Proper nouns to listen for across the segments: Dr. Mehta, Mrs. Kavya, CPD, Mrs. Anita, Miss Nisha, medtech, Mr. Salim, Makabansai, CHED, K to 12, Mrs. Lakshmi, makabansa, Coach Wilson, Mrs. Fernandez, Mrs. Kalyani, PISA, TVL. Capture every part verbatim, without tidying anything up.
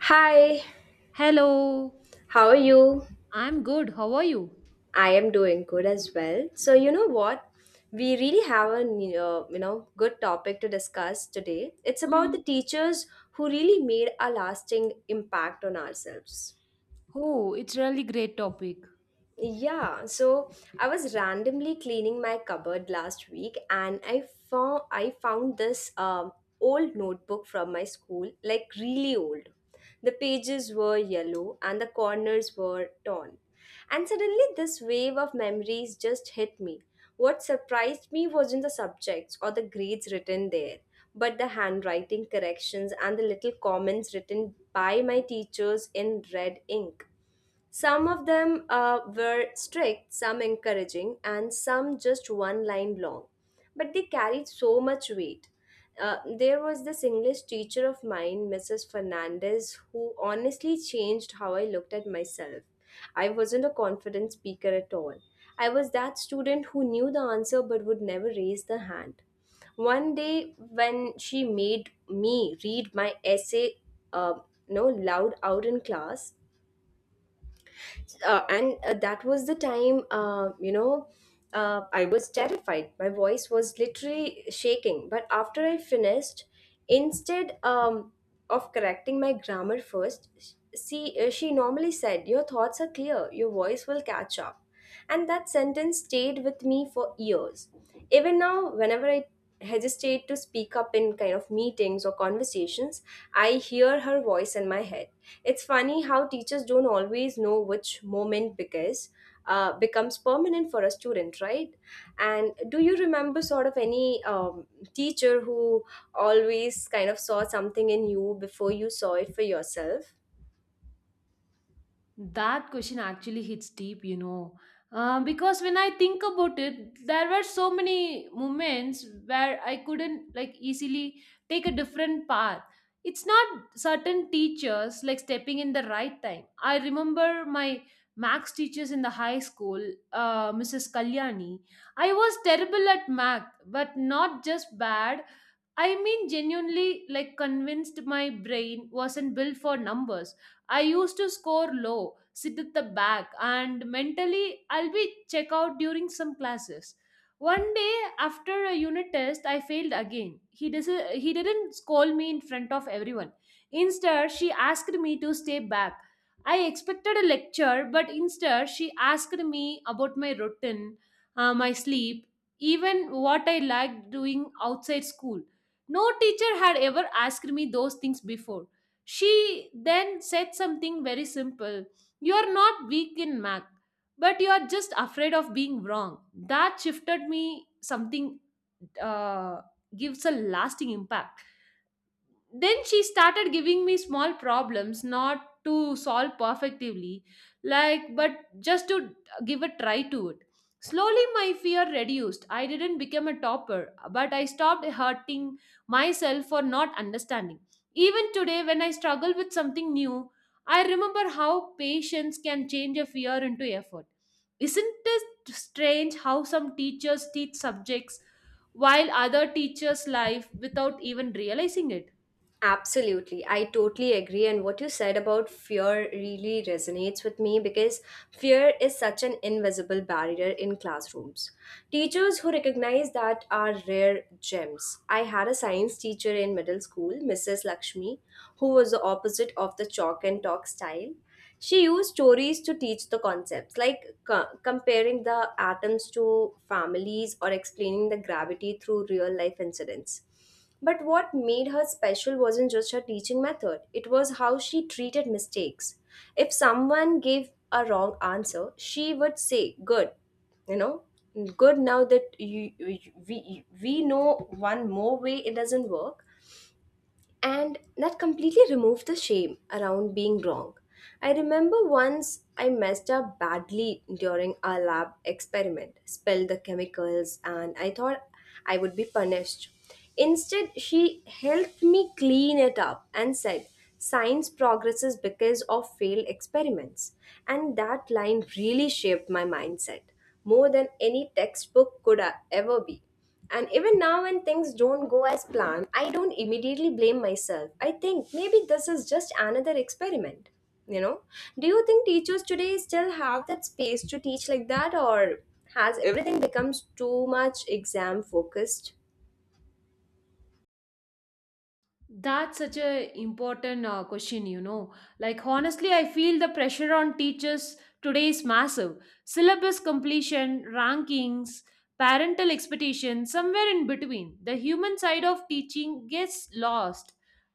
Hi, Hello, how are you? I'm good. How are you? I am doing good as well. So, you know what? We really have a uh, you know good topic to discuss today. It's about the Mm. teachers who really made a lasting impact on ourselves. Oh, it's really great topic. Yeah, so I was randomly cleaning my cupboard last week and I found I found this um, old notebook from my school, like really old. The pages were yellow and the corners were torn. And suddenly this wave of memories just hit me. What surprised me wasn't the subjects or the grades written there, but the handwriting corrections and the little comments written by my teachers in red ink. Some of them uh, were strict, some encouraging, and some just one line long. But they carried so much weight. Uh, there was this English teacher of mine, missus Fernandez, who honestly changed how I looked at myself. I wasn't a confident speaker at all. I was that student who knew the answer but would never raise the hand. One day, when she made me read my essay, uh, no, loud out in class, uh, and uh, that was the time uh, you know uh, I was terrified. My voice was literally shaking, but after I finished, instead um, of correcting my grammar first, see uh, she normally said, your thoughts are clear, your voice will catch up. And that sentence stayed with me for years. Even now, whenever I hesitate to speak up in kind of meetings or conversations, I hear her voice in my head. It's funny how teachers don't always know which moment because uh, becomes permanent for a student, right? And do you remember sort of any um, teacher who always kind of saw something in you before you saw it for yourself? That question actually hits deep, you know. Uh, because when I think about it, there were so many moments where I couldn't like easily take a different path. It's not certain teachers like stepping in the right time. I remember my max teachers in the high school, uh, Missus Kalyani. I was terrible at math, but not just bad. I mean, genuinely, like, convinced my brain wasn't built for numbers. I used to score low, sit at the back, and mentally, I'll be check out during some classes. One day after a unit test, I failed again. He, dis- he didn't scold me in front of everyone. Instead, she asked me to stay back. I expected a lecture, but instead, she asked me about my routine, uh, my sleep, even what I liked doing outside school. No teacher had ever asked me those things before. She then said something very simple. You are not weak in math, but you are just afraid of being wrong. That shifted me something, uh, gives a lasting impact. Then she started giving me small problems, not to solve perfectively, like, but just to give a try to it. Slowly my fear reduced. I didn't become a topper, but I stopped hurting myself for not understanding. Even today when I struggle with something new, I remember how patience can change a fear into effort. Isn't it strange how some teachers teach subjects while other teachers life without even realizing it? Absolutely. I totally agree. And what you said about fear really resonates with me because fear is such an invisible barrier in classrooms. Teachers who recognize that are rare gems. I had a science teacher in middle school, missus Lakshmi, who was the opposite of the chalk and talk style. She used stories to teach the concepts, like co- comparing the atoms to families, or explaining the gravity through real life incidents. But what made her special wasn't just her teaching method, it was how she treated mistakes. If someone gave a wrong answer, she would say, good, you know, good now that you, you- we, we know one more way it doesn't work. And that completely removed the shame around being wrong. I remember once I messed up badly during a lab experiment, spilled the chemicals, and I thought I would be punished. Instead, she helped me clean it up and said, science progresses because of failed experiments. And that line really shaped my mindset more than any textbook could uh, ever be. And even now, when things don't go as planned, I don't immediately blame myself. I think maybe this is just another experiment. You know, do you think teachers today still have that space to teach like that, or has everything becomes too much exam focused? That's such a important uh, question, you know. Like honestly, I feel the pressure on teachers today is massive. Syllabus completion, rankings, parental expectations, somewhere in between. The human side of teaching gets lost.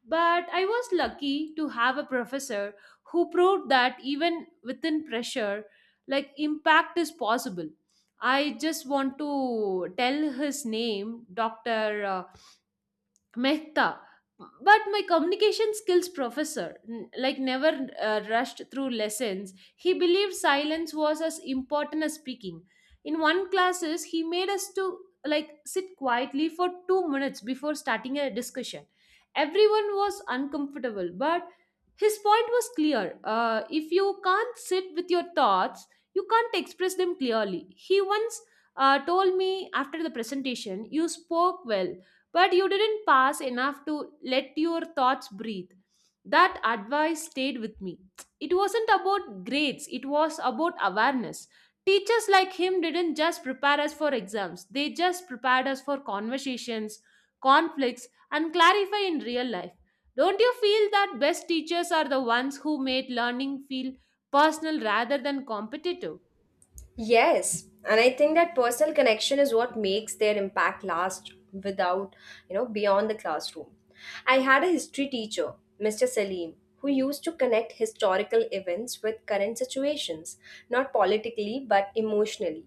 But I was lucky to have a professor who proved that even within pressure, like impact is possible. I just want to tell his name, Doctor Mehta. But my communication skills professor, n- like never uh, rushed through lessons, he believed silence was as important as speaking. In one classes, he made us to like sit quietly for two minutes before starting a discussion. Everyone was uncomfortable, but his point was clear. Uh, if you can't sit with your thoughts, you can't express them clearly. He once uh, told me after the presentation, you spoke well, but you didn't pass enough to let your thoughts breathe. That advice stayed with me. It wasn't about grades, it was about awareness. Teachers like him didn't just prepare us for exams, they just prepared us for conversations, conflicts, and clarify in real life. Don't you feel that best teachers are the ones who made learning feel personal rather than competitive? Yes, and I think that personal connection is what makes their impact last without, you know, beyond the classroom. I had a history teacher, mister Salim, who used to connect historical events with current situations, not politically but emotionally.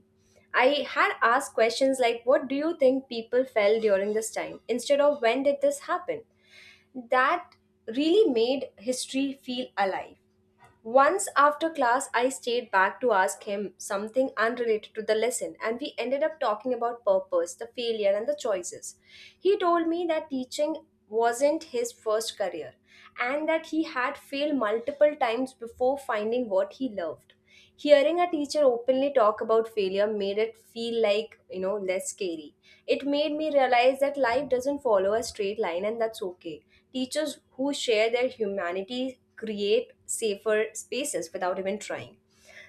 I had asked questions like, what do you think people felt during this time? Instead of, when did this happen? That really made history feel alive. Once after class, I stayed back to ask him something unrelated to the lesson, and we ended up talking about purpose, the failure, and the choices. He told me that teaching wasn't his first career and that he had failed multiple times before finding what he loved. Hearing a teacher openly talk about failure made it feel like, you know, less scary. It made me realize that life doesn't follow a straight line and that's okay. Teachers who share their humanity create safer spaces without even trying.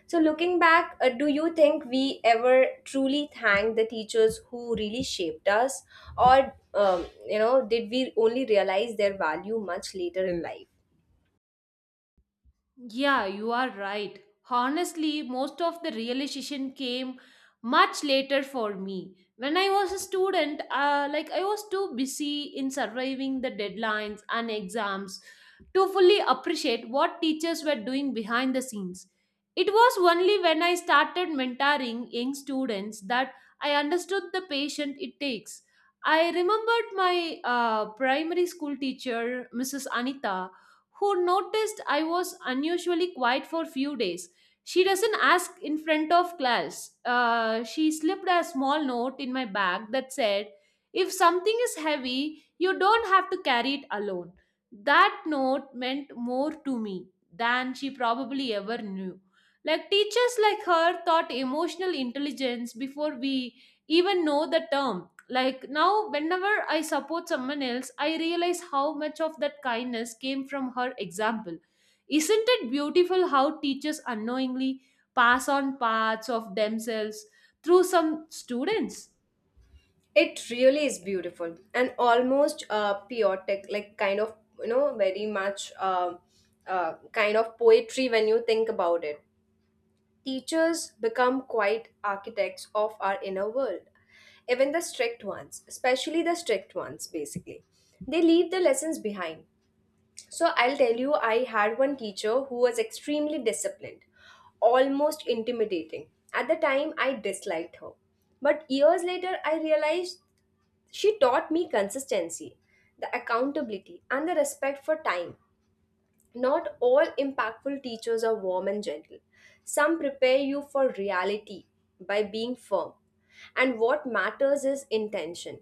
So, looking back, uh, do you think we ever truly thank the teachers who really shaped us, or um, you know, did we only realize their value much later in life? Yeah, you are right. Honestly, most of the realization came much later for me. When I was a student, uh, like I was too busy in surviving the deadlines and exams to fully appreciate what teachers were doing behind the scenes. It was only when I started mentoring young students that I understood the patience it takes. I remembered my uh, primary school teacher, Missus Anita, who noticed I was unusually quiet for few days. She doesn't ask in front of class. Uh, she slipped a small note in my bag that said, if something is heavy, you don't have to carry it alone. That note meant more to me than she probably ever knew. Like teachers like her taught emotional intelligence before we even know the term. Like now whenever I support someone else, I realize how much of that kindness came from her example. Isn't it beautiful how teachers unknowingly pass on parts of themselves through some students? It really is beautiful and almost uh, poetic, like kind of you know very much uh, uh, kind of poetry when you think about it. Teachers become quite architects of our inner world, even the strict ones, especially the strict ones. Basically, they leave the lessons behind. So I'll tell you, I had one teacher who was extremely disciplined, almost intimidating. At the time, I disliked her. But years later, I realized she taught me consistency, the accountability, and the respect for time. Not all impactful teachers are warm and gentle. Some prepare you for reality by being firm. And what matters is intention.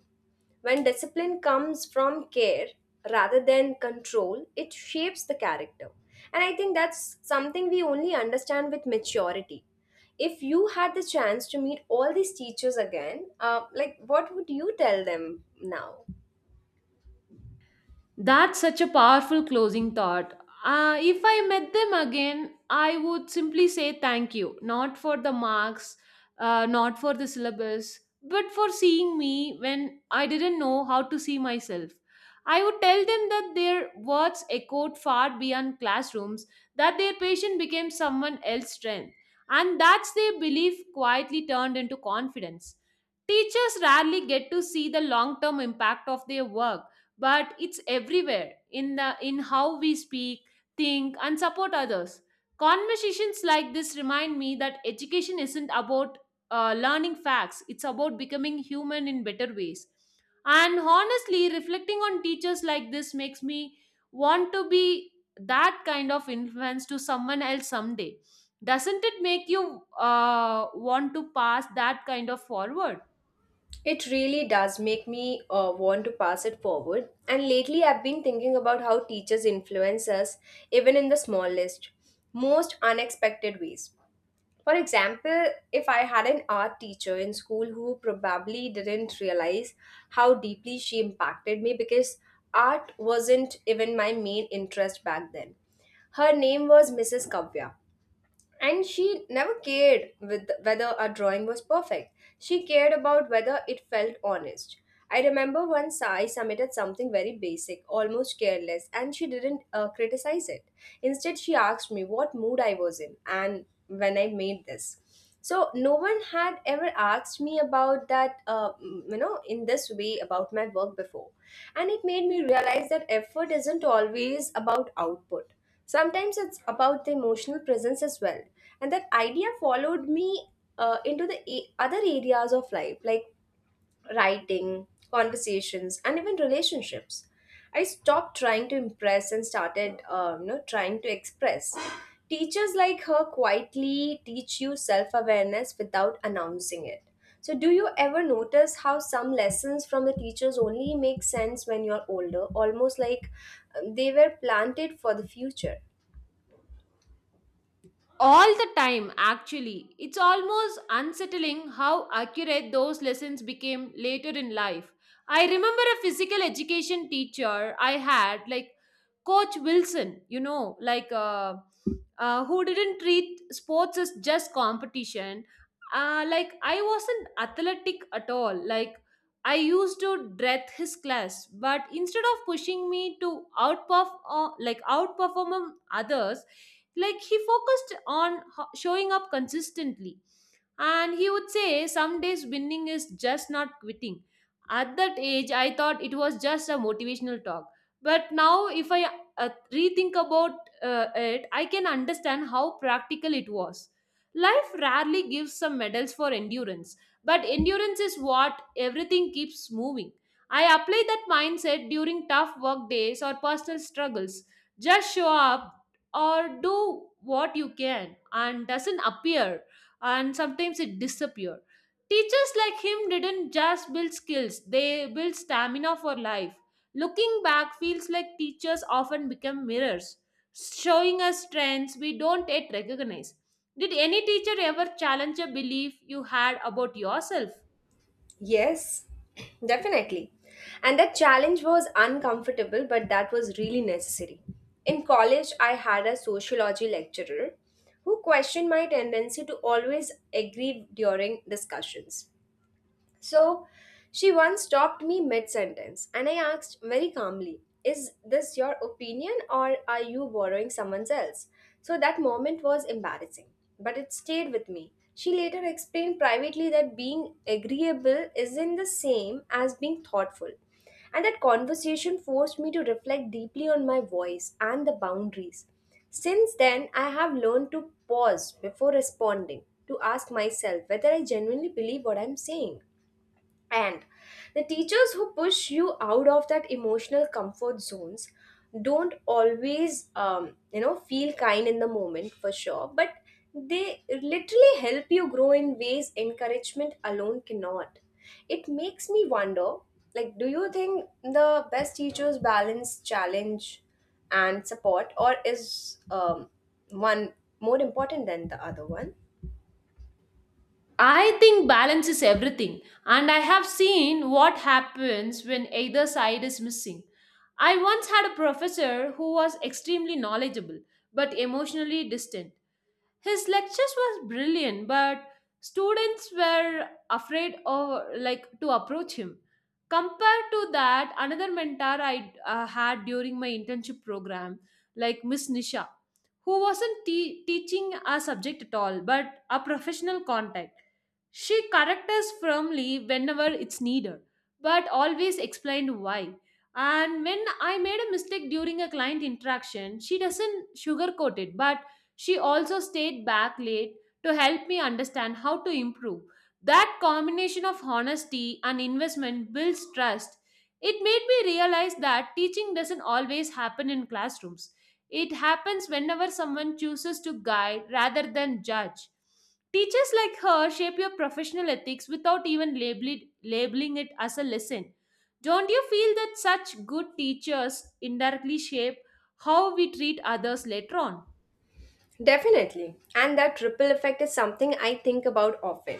When discipline comes from care rather than control, it shapes the character. And I think that's something we only understand with maturity. If you had the chance to meet all these teachers again, uh, like what would you tell them now? That's such a powerful closing thought. Uh, if I met them again, I would simply say thank you, not for the marks, uh, not for the syllabus, but for seeing me when I didn't know how to see myself. I would tell them that their words echoed far beyond classrooms, that their patient became someone else's strength, and that's their belief quietly turned into confidence. Teachers rarely get to see the long term impact of their work, but it's everywhere in the in how we speak, think, and support others. Conversations like this remind me that education isn't about uh, learning facts, it's about becoming human in better ways. And honestly, reflecting on teachers like this makes me want to be that kind of influence to someone else someday. Doesn't it make you uh, want to pass that kind of forward? It really does make me uh, want to pass it forward. And lately, I've been thinking about how teachers influence us, even in the smallest, most unexpected ways. For example, if I had an art teacher in school who probably didn't realize how deeply she impacted me because art wasn't even my main interest back then. Her name was missus Kavya. And she never cared with whether a drawing was perfect. She cared about whether it felt honest. I remember once I submitted something very basic, almost careless, and she didn't uh, criticize it. Instead, she asked me what mood I was in and when I made this. So no one had ever asked me about that, uh, you know in this way about my work before. And it made me realize that effort isn't always about output. Sometimes it's about the emotional presence as well. And that idea followed me uh, into the a- other areas of life, like writing, conversations, and even relationships. I stopped trying to impress and started, uh, you know, trying to express. Teachers like her quietly teach you self-awareness without announcing it. So, do you ever notice how some lessons from the teachers only make sense when you're older, almost like um, they were planted for the future? All the time, actually. It's almost unsettling how accurate those lessons became later in life. I remember a physical education teacher I had, like Coach Wilson, you know, like uh, uh, who didn't treat sports as just competition. Uh, like I wasn't athletic at all. Like I used to dread his class, but instead of pushing me to outperform, uh, like outperform others, like he focused on ho- showing up consistently. And he would say, some days winning is just not quitting. At that age, I thought it was just a motivational talk. But now, if I uh, rethink about uh, it, I can understand how practical it was. Life rarely gives some medals for endurance, but endurance is what everything keeps moving. I apply that mindset during tough work days or personal struggles. Just show up or do what you can and doesn't appear and sometimes it disappear. Teachers like him didn't just build skills, they built stamina for life. Looking back feels like teachers often become mirrors showing us trends we don't yet recognize. Did any teacher ever challenge a belief you had about yourself? Yes, definitely. And that challenge was uncomfortable, but that was really necessary. In college, I had a sociology lecturer who questioned my tendency to always agree during discussions. So she once stopped me mid sentence and I asked very calmly, is this your opinion or are you borrowing someone's else?" So that moment was embarrassing, but it stayed with me. She later explained privately that being agreeable isn't the same as being thoughtful. And that conversation forced me to reflect deeply on my voice and the boundaries. Since then, I have learned to pause before responding, to ask myself whether I genuinely believe what I'm saying. And the teachers who push you out of that emotional comfort zones don't always, um, you know, feel kind in the moment for sure, but they literally help you grow in ways encouragement alone cannot. It makes me wonder like, do you think the best teachers balance challenge and support, or is um, one more important than the other one? I think balance is everything, and I have seen what happens when either side is missing. I once had a professor who was extremely knowledgeable but emotionally distant. His lectures were brilliant, but students were afraid of like to approach him. Compared to that, another mentor I uh, had during my internship program, like Miss Nisha, who wasn't te- teaching a subject at all, but a professional contact. She corrected us firmly whenever it's needed, but always explained why. And when I made a mistake during a client interaction, she doesn't sugarcoat it, but she also stayed back late to help me understand how to improve. That combination of honesty and investment builds trust. It made me realize that teaching doesn't always happen in classrooms. It happens whenever someone chooses to guide rather than judge. Teachers like her shape your professional ethics without even label- labeling it as a lesson. Don't you feel that such good teachers indirectly shape how we treat others later on? Definitely. And that ripple effect is something I think about often.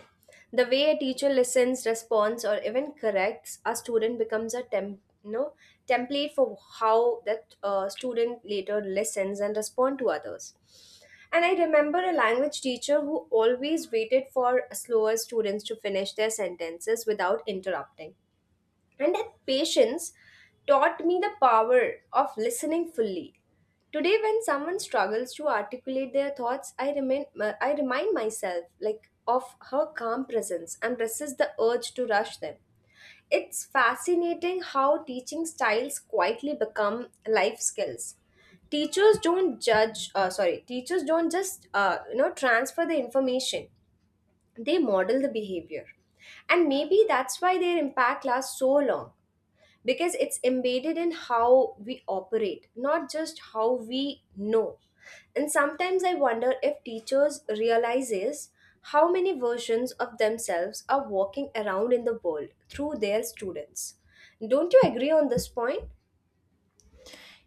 The way a teacher listens, responds, or even corrects a student becomes a temp, you know, template for how that uh, student later listens and respond to others. And I remember a language teacher who always waited for slower students to finish their sentences without interrupting. And that patience taught me the power of listening fully. Today, when someone struggles to articulate their thoughts, I remain I remind myself like of her calm presence and resist the urge to rush them. It's fascinating how teaching styles quietly become life skills. Teachers don't judge, uh, sorry, teachers don't just uh, you know transfer the information; they model the behavior, and maybe that's why their impact lasts so long because it's embedded in how we operate, not just how we know. And sometimes I wonder if teachers realizes how many versions of themselves are walking around in the world through their students. Don't you agree on this point?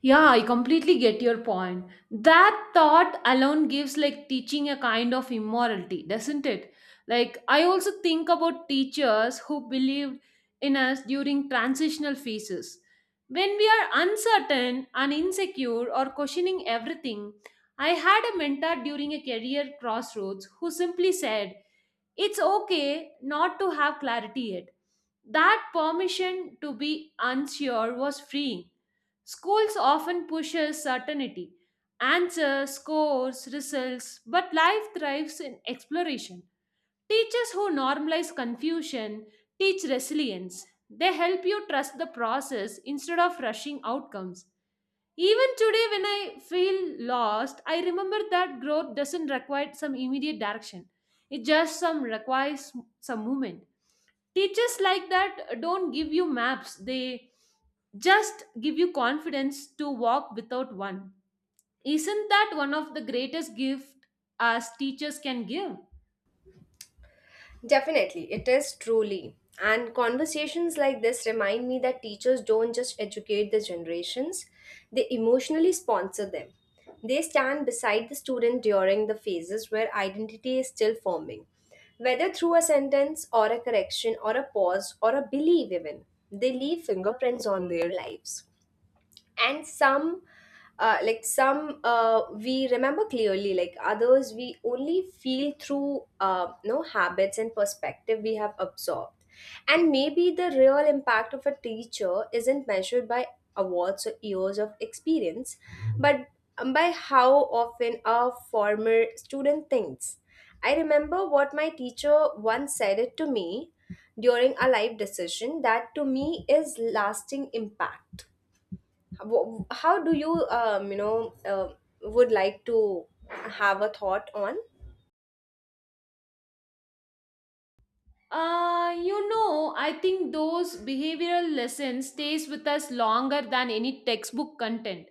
Yeah, I completely get your point. That thought alone gives like teaching a kind of immorality, doesn't it? Like, I also think about teachers who believed in us during transitional phases. When we are uncertain and insecure or questioning everything, I had a mentor during a career crossroads who simply said, it's okay not to have clarity yet. That permission to be unsure was freeing. Schools often pushes certainty, answers, scores, results, but life thrives in exploration. Teachers who normalize confusion teach resilience. They help you trust the process instead of rushing outcomes. Even today, when I feel lost, I remember that growth doesn't require some immediate direction. It just some requires some movement. Teachers like that don't give you maps, they just give you confidence to walk without one. Isn't that one of the greatest gift as teachers can give? Definitely, it is truly. And conversations like this remind me that teachers don't just educate the generations, they emotionally sponsor them. They stand beside the student during the phases where identity is still forming, whether through a sentence or a correction or a pause or a belief, even. They leave fingerprints on their lives and some uh, like some uh, we remember clearly, like others we only feel through uh, no habits and perspective we have absorbed. And maybe the real impact of a teacher isn't measured by awards or years of experience, but by how often a former student thinks, I remember what my teacher once said it to me during a life decision. That to me is lasting impact. Wh- How do you, um, you know, um would like to have a thought on? Uh, you know, I think those behavioral lessons stays with us longer than any textbook content.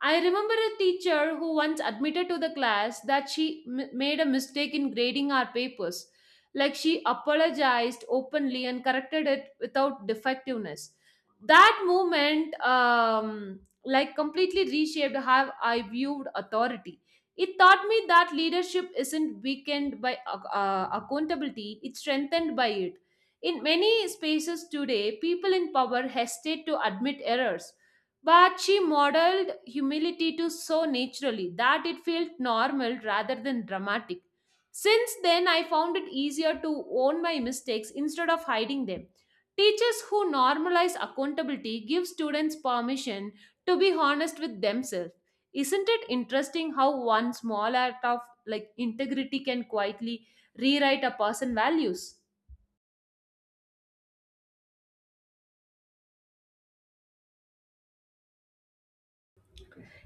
I remember a teacher who once admitted to the class that she m- made a mistake in grading our papers. Like she apologized openly and corrected it without defectiveness. That moment, um, like, completely reshaped how I viewed authority. It taught me that leadership isn't weakened by ac- uh, accountability, it's strengthened by it. In many spaces today, people in power hesitate to admit errors, but she modeled humility to so naturally that it felt normal rather than dramatic. Since then, I found it easier to own my mistakes instead of hiding them. Teachers who normalize accountability give students permission to be honest with themselves. Isn't it interesting how one small act of like integrity can quietly rewrite a person's values?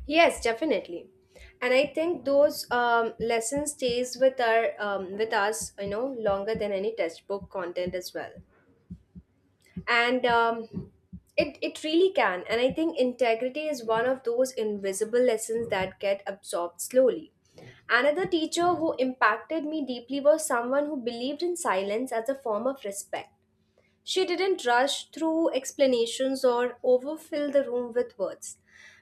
Yes, definitely. And I think those um, lessons stays with our um, with us, you know, longer than any textbook content as well. And um, it it really can. And I think integrity is one of those invisible lessons that get absorbed slowly. Another teacher who impacted me deeply was someone who believed in silence as a form of respect. She didn't rush through explanations or overfill the room with words.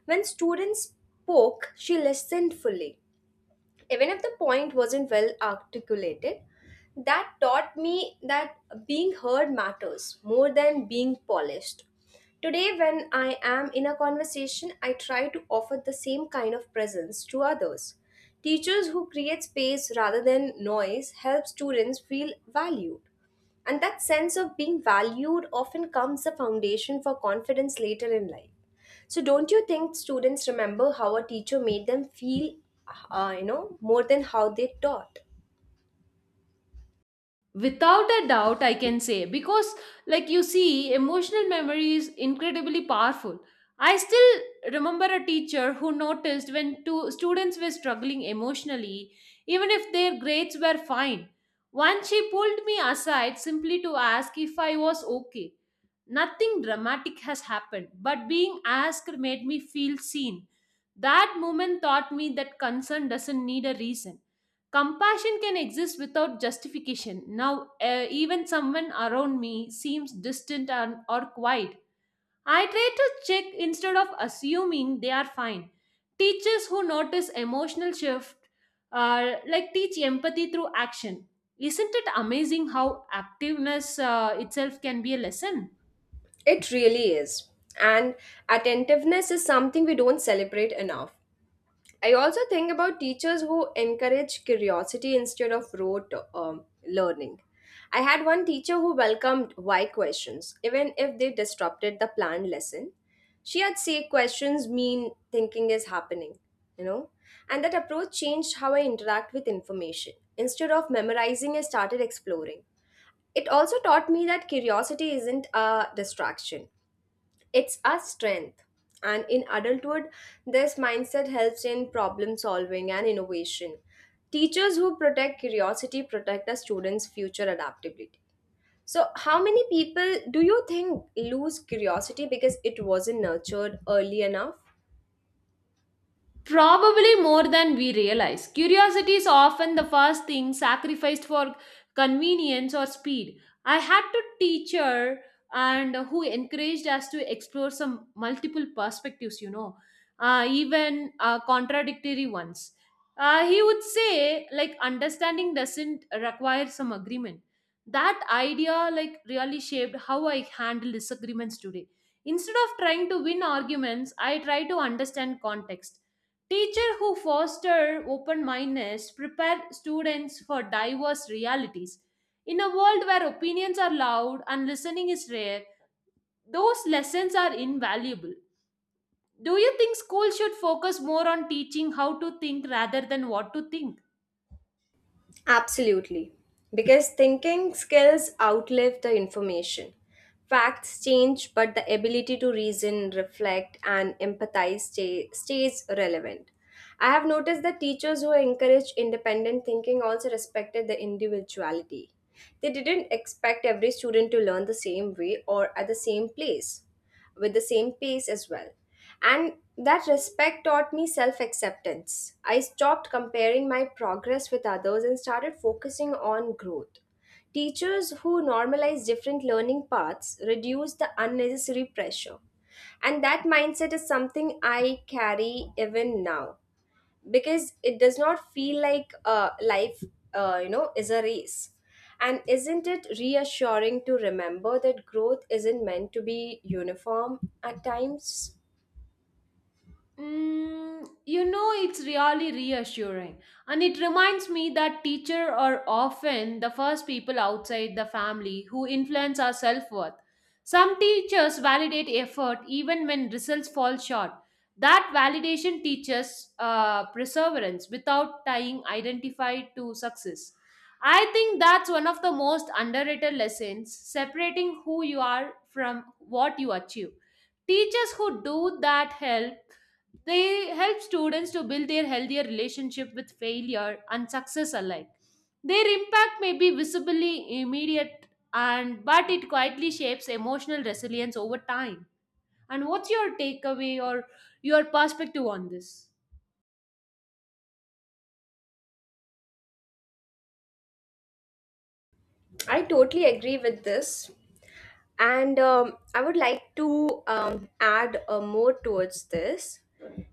When students spoke, she listened fully. Even if the point wasn't well articulated, that taught me that being heard matters more than being polished. Today, when I am in a conversation, I try to offer the same kind of presence to others. Teachers who create space rather than noise help students feel valued. And that sense of being valued often comes the foundation for confidence later in life. So don't you think students remember how a teacher made them feel, uh, you know, more than how they taught? Without a doubt I can say, because like you see, emotional memory is incredibly powerful. I still remember a teacher who noticed when two students were struggling emotionally, even if their grades were fine. Once she pulled me aside simply to ask if I was okay. Nothing dramatic has happened, but being asked made me feel seen. That moment taught me that concern doesn't need a reason. Compassion can exist without justification. Now, uh, even someone around me seems distant and, or quiet. I try to check instead of assuming they are fine. Teachers who notice emotional shift uh, like teach empathy through action. Isn't it amazing how activeness uh, itself can be a lesson? It really is. And attentiveness is something we don't celebrate enough. I also think about teachers who encourage curiosity instead of rote um, learning. I had one teacher who welcomed why questions, even if they disrupted the planned lesson. She had say questions mean thinking is happening, you know, and that approach changed how I interact with information. Instead of memorizing, I started exploring. It also taught me that curiosity isn't a distraction. It's our strength. And in adulthood, this mindset helps in problem solving and innovation. Teachers who protect curiosity protect the students' future adaptability. So, how many people do you think lose curiosity because it wasn't nurtured early enough? Probably more than we realize. Curiosity is often the first thing sacrificed for convenience or speed. I had to teacher and who encouraged us to explore some multiple perspectives, you know, uh, even uh, contradictory ones. Uh, he would say, like, understanding doesn't require some agreement. That idea, like, really shaped how I handle disagreements today. Instead of trying to win arguments, I try to understand context. Teacher who foster open-mindedness prepare students for diverse realities. In a world where opinions are loud and listening is rare, those lessons are invaluable. Do you think schools should focus more on teaching how to think rather than what to think? Absolutely. Because thinking skills outlive the information. Facts change, but the ability to reason, reflect, and empathize stay, stays relevant. I have noticed that teachers who encourage independent thinking also respected the individuality. They didn't expect every student to learn the same way or at the same place, with the same pace as well. And that respect taught me self acceptance. I stopped comparing my progress with others and started focusing on growth. Teachers who normalize different learning paths reduce the unnecessary pressure. And that mindset is something I carry even now because it does not feel like uh, life, uh, you know, is a race. And isn't it reassuring to remember that growth isn't meant to be uniform at times? Mm, you know, it's really reassuring. And it reminds me that teachers are often the first people outside the family who influence our self worth. Some teachers validate effort even when results fall short. That validation teaches uh, perseverance without tying identified to success. I think that's one of the most underrated lessons, separating who you are from what you achieve. Teachers who do that help They help students to build their healthier relationship with failure and success alike. Their impact may be visibly immediate and but it quietly shapes emotional resilience over time. And what's your takeaway or your perspective on this? I totally agree with this. And um, I would like to um, add uh, more towards this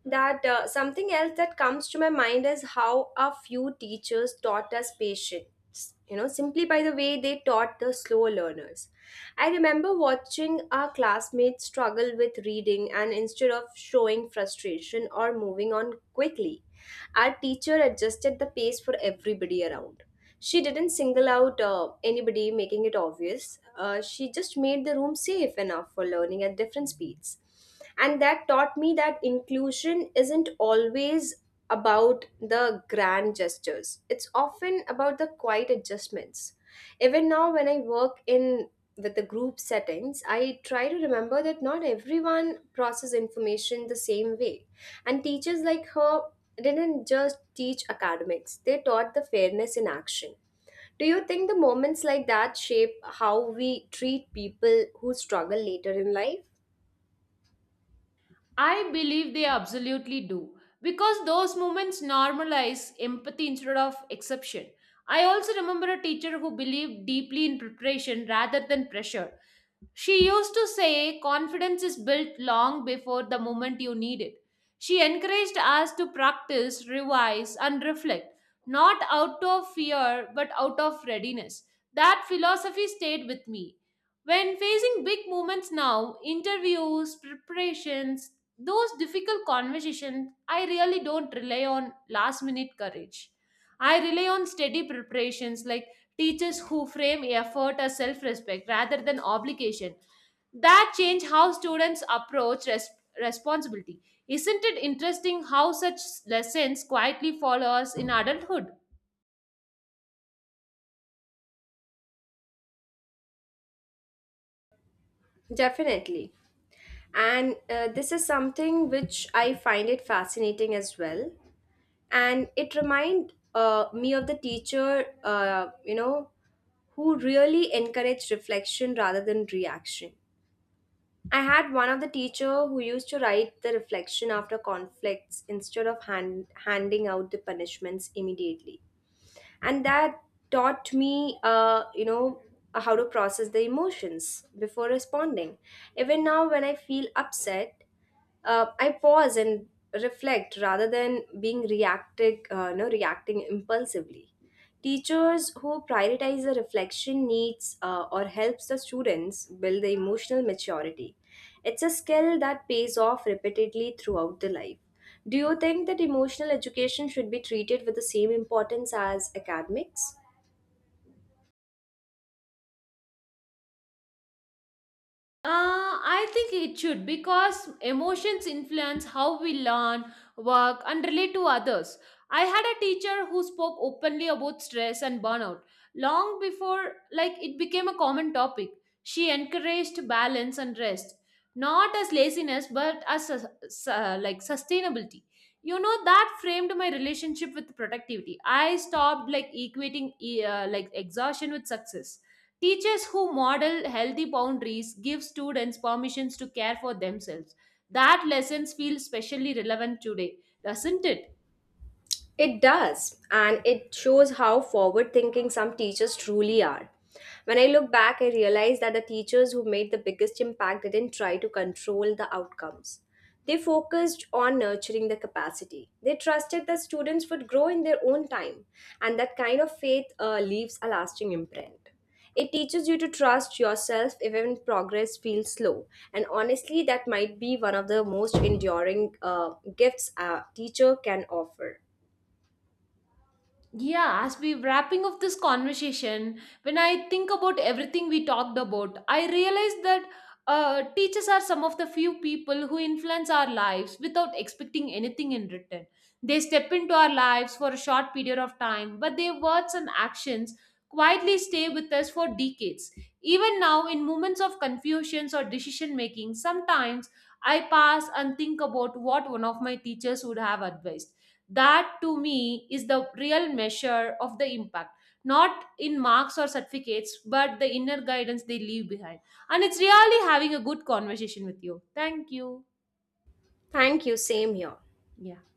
that uh, something else that comes to my mind is how a few teachers taught us patience, you know, simply by the way they taught the slow learners. I remember watching our classmates struggle with reading, and instead of showing frustration or moving on quickly, our teacher adjusted the pace for everybody around. She didn't single out uh, anybody, making it obvious. Uh, she just made the room safe enough for learning at different speeds. And that taught me that inclusion isn't always about the grand gestures, it's often about the quiet adjustments. Even now, when I work in with the group settings, I try to remember that not everyone processes information the same way, and teachers like her didn't just teach academics, they taught the fairness in action. Do you think the moments like that shape how we treat people who struggle later in life? I believe they absolutely do, because those moments normalize empathy instead of exception. I also remember a teacher who believed deeply in preparation rather than pressure. She used to say confidence is built long before the moment you need it. She encouraged us to practice, revise, and reflect, not out of fear but out of readiness. That philosophy stayed with me. When facing big moments now, interviews, preparations, those difficult conversations, I really don't rely on last minute courage. I rely on steady preparations, like teachers who frame effort as self respect rather than obligation. That change how students approach res- responsibility. Isn't it interesting how such lessons quietly follow us in adulthood? Definitely. And uh, this is something which I find it fascinating as well. And it remind uh, me of the teacher, uh, you know, who really encouraged reflection rather than reaction. I had one of the teacher who used to write the reflection after conflicts instead of hand, handing out the punishments immediately. And that taught me, uh, you know, how to process the emotions before responding. Even now, when I feel upset, uh, I pause and reflect rather than being reactive, uh, no, reacting impulsively. Teachers who prioritize the reflection needs uh, or helps the students build the emotional maturity. It's a skill that pays off repeatedly throughout the life. Do you think that emotional education should be treated with the same importance as academics? Uh, I think it should, because emotions influence how we learn, work, and relate to others. I had a teacher who spoke openly about stress and burnout long before like it became a common topic. She encouraged balance and rest, not as laziness but as sus- su- like sustainability. You know, that framed my relationship with productivity. I stopped like equating e- uh, like exhaustion with success. Teachers who model healthy boundaries give students permissions to care for themselves. That lessons feel specially relevant today, doesn't it? It does, and it shows how forward thinking some teachers truly are. When I look back, I realize that the teachers who made the biggest impact didn't try to control the outcomes. They focused on nurturing the capacity. They trusted that students would grow in their own time, and that kind of faith uh, leaves a lasting imprint. It teaches you to trust yourself even when progress feels slow. And honestly, that might be one of the most enduring uh, gifts a teacher can offer. Yeah, as we wrapping of this conversation, when I think about everything we talked about, I realize that uh, teachers are some of the few people who influence our lives without expecting anything in return. They step into our lives for a short period of time, but their words and actions quietly stay with us for decades. Even now, in moments of confusions or decision making, sometimes I pass and think about what one of my teachers would have advised. That to me is the real measure of the impact, not in marks or certificates but the inner guidance they leave behind. And it's really having a good conversation with you. Thank you. Thank you, same here. Yeah.